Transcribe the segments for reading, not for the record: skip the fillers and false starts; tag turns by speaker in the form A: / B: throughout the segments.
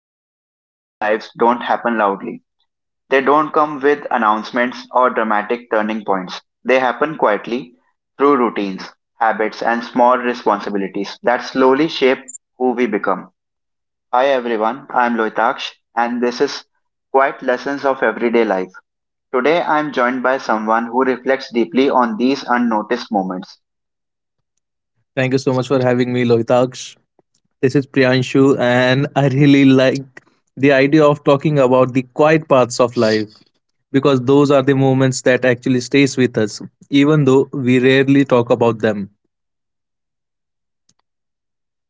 A: changes in our lives don't happen loudly. They don't come with announcements or dramatic turning points. They happen quietly through routines, habits, and small responsibilities that slowly shape who we become. Hi everyone, I'm Loitaksh, and this is Quiet Lessons of Everyday Life. Today I'm joined by someone who reflects deeply on these unnoticed moments.
B: Thank you so much for having me, Lohitaksh. This is Priyanshu, and I really like the idea of talking about the quiet parts of life because those are the moments that actually stays with us, even though we rarely talk about them.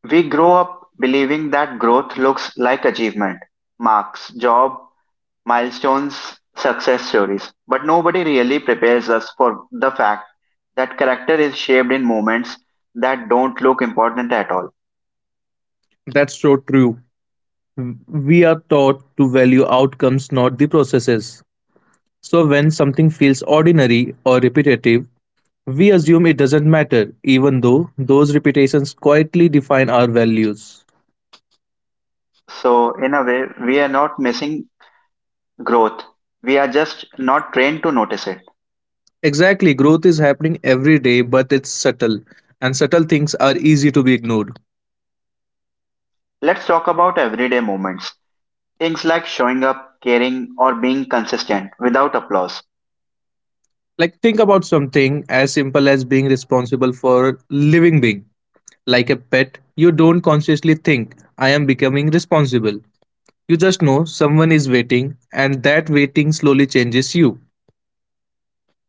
A: We grow up believing that growth looks like achievement, marks, job, milestones, success stories. But nobody really prepares us for the fact that character is shaped in moments that don't look important at all.
B: That's so true. We are taught to value outcomes, not the processes. So when something feels ordinary or repetitive, we assume it doesn't matter, even though those repetitions quietly define our values.
A: So, in a way, we are not missing growth, we are just not trained to notice it.
B: Exactly, growth is happening every day, but it's subtle, and subtle things are easy to be ignored.
A: Let's talk about everyday moments. Things like showing up, caring, or being consistent without applause.
B: Like, think about something as simple as being responsible for a living being. Like a pet, you don't consciously think, I am becoming responsible. You just know someone is waiting, and that waiting slowly changes you.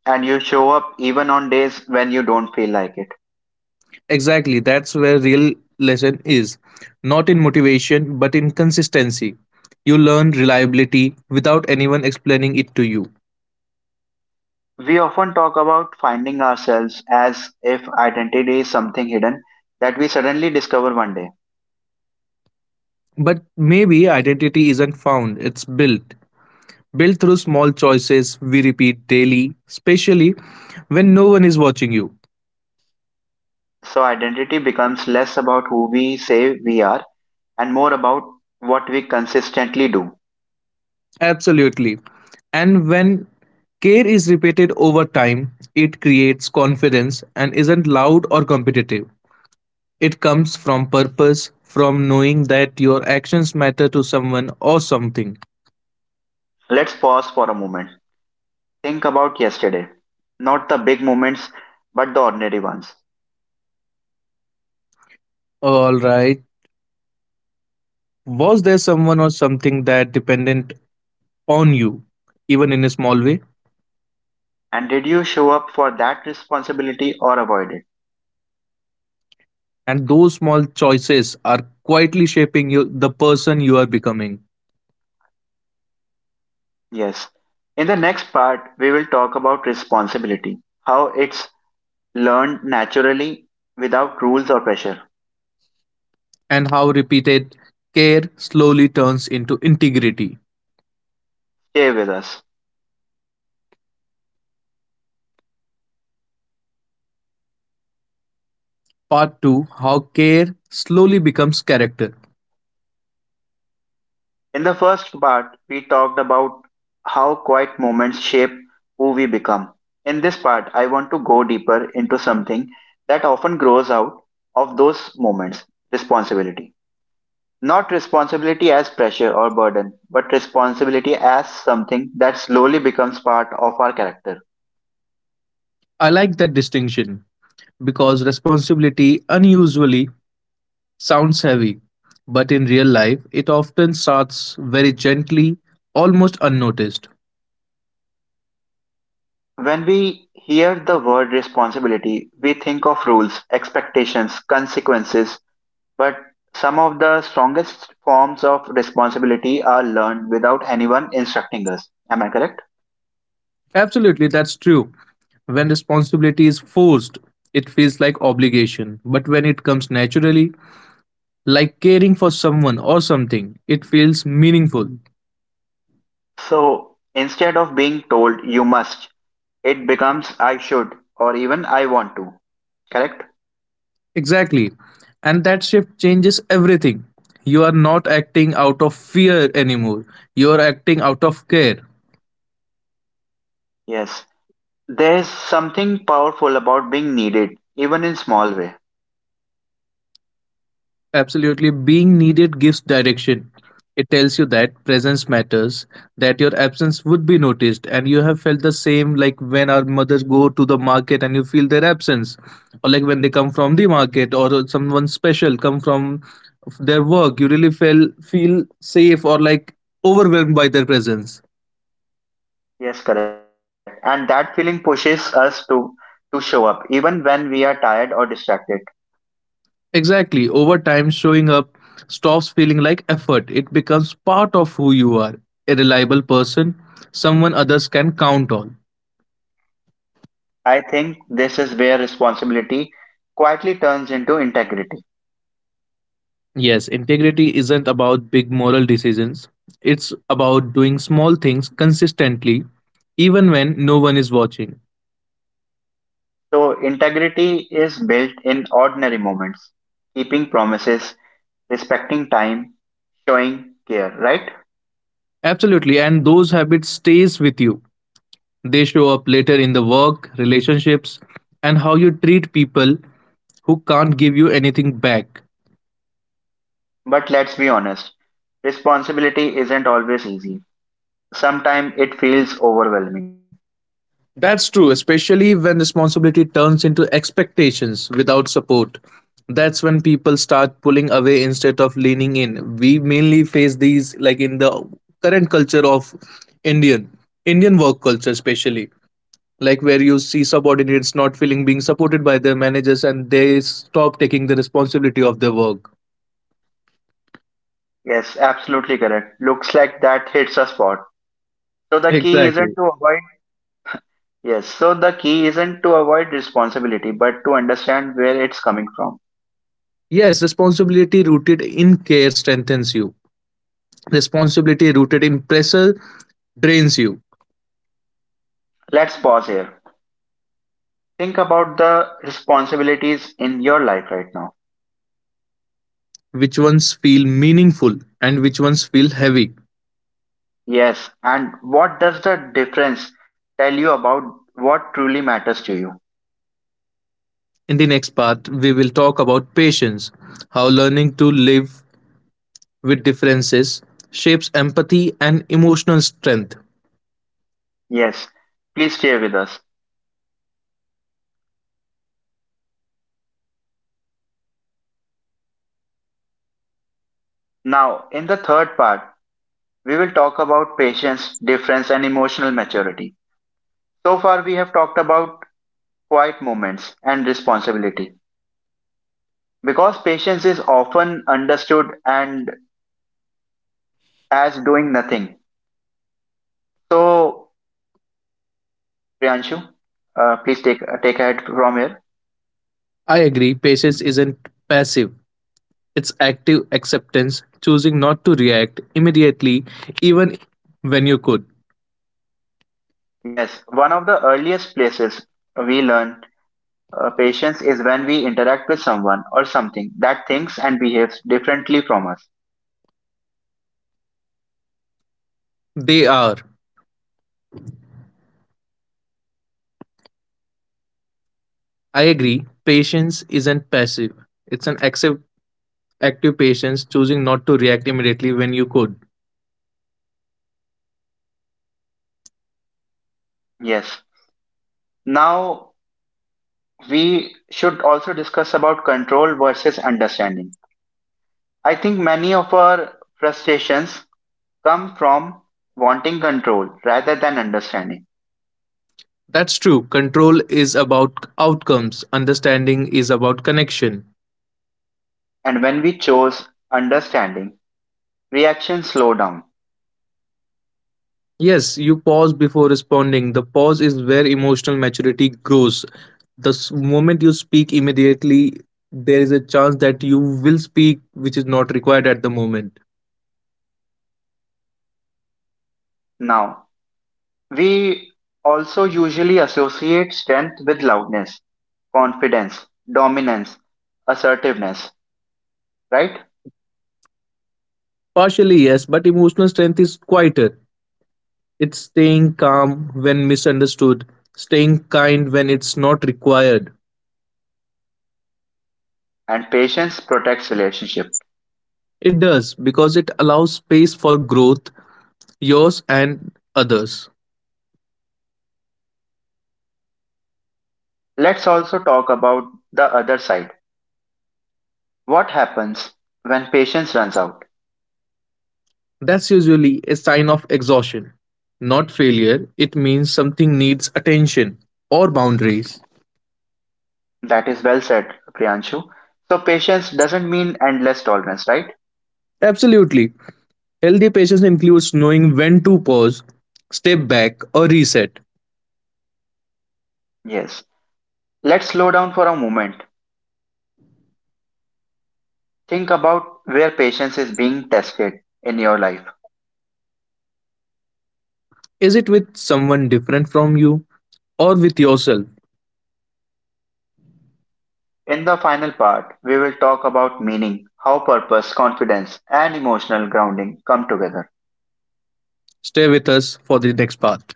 A: And you show up even on days when you don't feel like it.
B: Exactly, that's where real lesson is. Not in motivation, but in consistency. You learn reliability without anyone explaining it to you.
A: We often talk about finding ourselves as if identity is something hidden that we suddenly discover one day.
B: But maybe identity isn't found, it's built. Built through small choices we repeat daily, especially when no one is watching you.
A: So, identity becomes less about who we say we are and more about what we consistently do.
B: Absolutely. And when care is repeated over time, it creates confidence and isn't loud or competitive. It comes from purpose, from knowing that your actions matter to someone or something.
A: Let's pause for a moment. Think about yesterday. Not the big moments, but the ordinary ones.
B: Alright, was there someone or something that dependent on you, even in a small way?
A: And did you show up for that responsibility or avoid it?
B: And those small choices are quietly shaping you, the person you are becoming,
A: Yes. In the next part, we will talk about responsibility, how it's learned naturally without rules or pressure.
B: and how repeated care slowly turns into integrity.
A: Stay with us.
B: Part 2: How Care Slowly Becomes Character.
A: In the first part, we talked about how quiet moments shape who we become. In this part, I want to go deeper into something that often grows out of those moments responsibility. Not responsibility as pressure or burden, but responsibility as something that slowly becomes part of our character.
B: I like that distinction because responsibility unusually sounds heavy, but in real life, it often starts very gently, almost unnoticed.
A: When we hear the word responsibility, we think of rules, expectations, consequences, but some of the strongest forms of responsibility are learned without anyone instructing us. Am I correct?
B: Absolutely, that's true. When responsibility is forced, it feels like obligation, but when it comes naturally, like caring for someone or something. It feels meaningful.
A: So instead of being told you must, it becomes I should or even I want to. Correct?
B: Exactly. And that shift changes everything. You are not acting out of fear anymore, you are acting out of care.
A: Yes. There's something powerful about being needed, even in small way.
B: Absolutely. Being needed gives direction. It tells you that presence matters, that your absence would be noticed, and you have felt the same like when our mothers go to the market and you feel their absence, or like when they come from the market or someone special come from their work, you really feel safe or like overwhelmed by their presence.
A: Yes, correct. And that feeling pushes us to show up, even when we are tired or distracted.
B: Exactly. Over time, showing up stops feeling like effort. It becomes part of who you are, a reliable person, someone others can count on.
A: I think this is where responsibility quietly turns into integrity.
B: Yes, integrity isn't about big moral decisions. It's about doing small things consistently even when no one is watching.
A: So, integrity is built in ordinary moments, keeping promises, respecting time, showing care, right?
B: Absolutely, and those habits stays with you. They show up later in the work, relationships, and how you treat people who can't give you anything back.
A: But let's be honest, responsibility isn't always easy. Sometimes it feels overwhelming.
B: That's true, especially when responsibility turns into expectations without support. That's when people start pulling away instead of leaning in. We mainly face these like in the current culture of Indian Indian work culture especially like where you see subordinates not feeling being supported by their managers and they stop taking the responsibility of their work.
A: Yes, absolutely correct. Looks like that hits a spot. So, the key isn't
B: Exactly.
A: to avoid. Yes, so the key isn't to avoid responsibility but to understand where it's coming from.
B: Yes, responsibility rooted in care strengthens you. Responsibility rooted in pressure drains you.
A: Let's pause here. Think about the responsibilities in your life right now.
B: Which ones feel meaningful and which ones feel heavy.
A: Yes, and what does the difference tell you about what truly matters to you?
B: In the next part, we will talk about patience, how learning to live with differences shapes empathy and emotional strength.
A: Yes, please stay with us. Now, in the third part, we will talk about patience, difference, and emotional maturity. So far, we have talked about quiet moments and responsibility because patience is often understood and as doing nothing. So, Priyanshu, please take ahead from here.
B: I agree, patience isn't passive, it's active acceptance, choosing not to react immediately, even when you could.
A: Yes, one of the earliest places we learn. Patience is when we interact with someone or something that thinks and behaves differently from us.
B: They are. I agree, patience isn't passive, it's an active patience, choosing not to react immediately when you could.
A: Yes. Now we should also discuss about control versus understanding. I think many of our frustrations come from wanting control rather than understanding.
B: That's true. Control is about outcomes, understanding is about connection.
A: And when we chose understanding, reactions slow down.
B: Yes, you pause before responding. The pause is where emotional maturity grows. The moment you speak immediately, there is a chance that you will speak, which is not required at the moment.
A: Now, we also usually associate strength with loudness, confidence, dominance, assertiveness. Right?
B: Partially, yes, but emotional strength is quieter. It's staying calm when misunderstood, staying kind when it's not required.
A: And patience protects relationship.
B: It does because it allows space for growth, yours and others.
A: Let's also talk about the other side. What happens when patience runs out?
B: That's usually a sign of exhaustion, not failure. It means something needs attention or boundaries.
A: That is well said, Priyanshu. So patience doesn't mean endless tolerance, right?
B: Absolutely. Healthy patience includes knowing when to pause, step back, or reset.
A: Yes. Let's slow down for a moment. Think about where patience is being tested in your life.
B: Is it with someone different from you or with yourself?
A: In the final part, we will talk about meaning, how purpose, confidence, and emotional grounding come together.
B: Stay with us for the next part.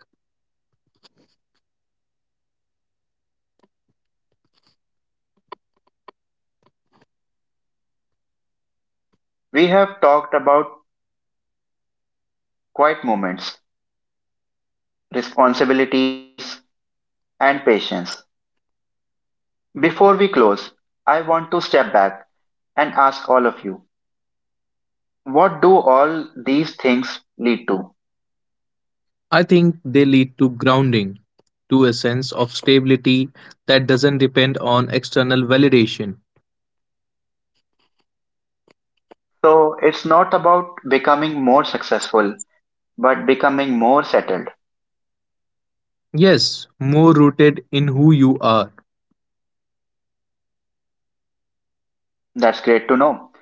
A: We have talked about quiet moments, responsibilities, and patience. Before we close, I want to step back and ask all of you, what do all these things lead to?
B: I think they lead to grounding, to a sense of stability that doesn't depend on external validation.
A: So it's not about becoming more successful, but becoming more settled.
B: Yes, more rooted in who you are.
A: That's great to know.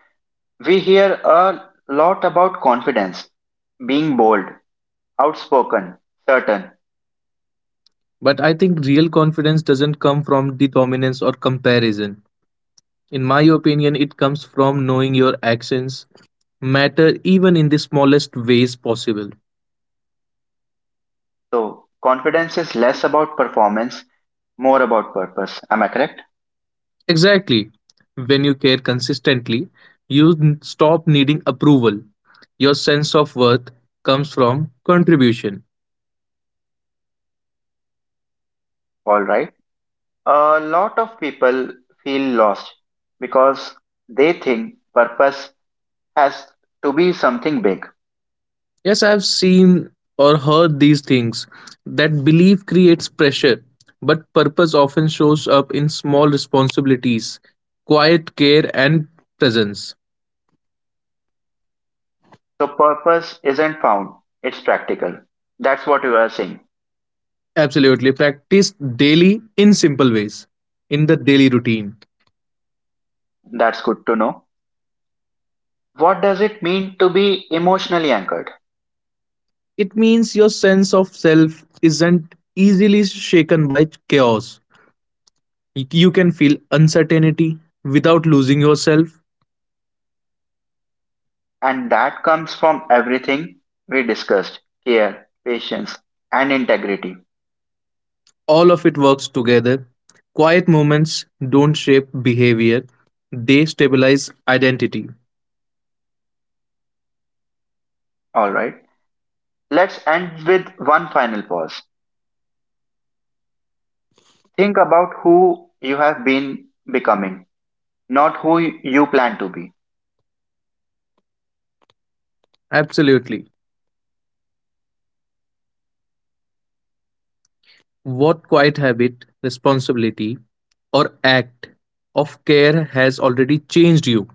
A: We hear a lot about confidence, being bold, outspoken, certain.
B: But I think real confidence doesn't come from the dominance or comparison. In my opinion, it comes from knowing your actions matter even in the smallest ways possible.
A: So confidence is less about performance, more about purpose. Am I correct?
B: Exactly. When you care consistently, you stop needing approval. Your sense of worth comes from contribution.
A: All right. A lot of people feel lost because they think purpose has to be something big.
B: Yes, I've seen or heard these things that belief creates pressure, but purpose often shows up in small responsibilities, quiet care, and presence.
A: So, purpose isn't found, it's practical. That's what you are saying.
B: Absolutely. Practice daily in simple ways, in the daily routine.
A: That's good to know. What does it mean to be emotionally anchored?
B: It means your sense of self isn't easily shaken by chaos. You can feel uncertainty without losing yourself.
A: And that comes from everything we discussed care, patience, and integrity.
B: All of it works together. Quiet moments don't shape behavior, they stabilize identity.
A: All right. Let's end with one final pause. Think about who you have been becoming, not who you plan to be.
B: Absolutely. What quiet habit, responsibility, or act of care has already changed you?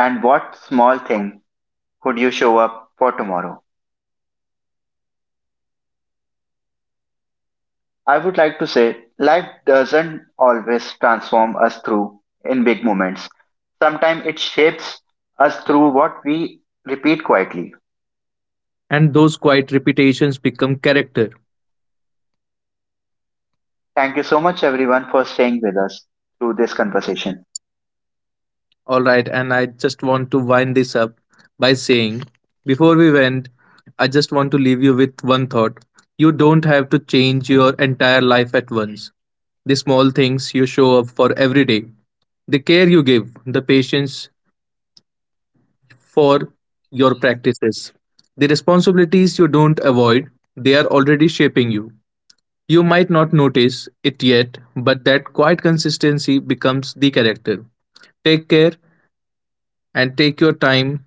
A: And what small thing could you show up for tomorrow? I would like to say life doesn't always transform us through in big moments. Sometimes it shapes us through what we repeat quietly.
B: And those quiet repetitions become character.
A: Thank you so much, everyone, for staying with us through this conversation.
B: All right, and I just want to wind this up by saying before we went, I just want to leave you with one thought. You don't have to change your entire life at once. The small things you show up for every day, the care you give, the patience for your practices, the responsibilities you don't avoid, they are already shaping you. You might not notice it yet, but that quiet consistency becomes the character. Take care and take your time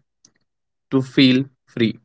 B: to feel free.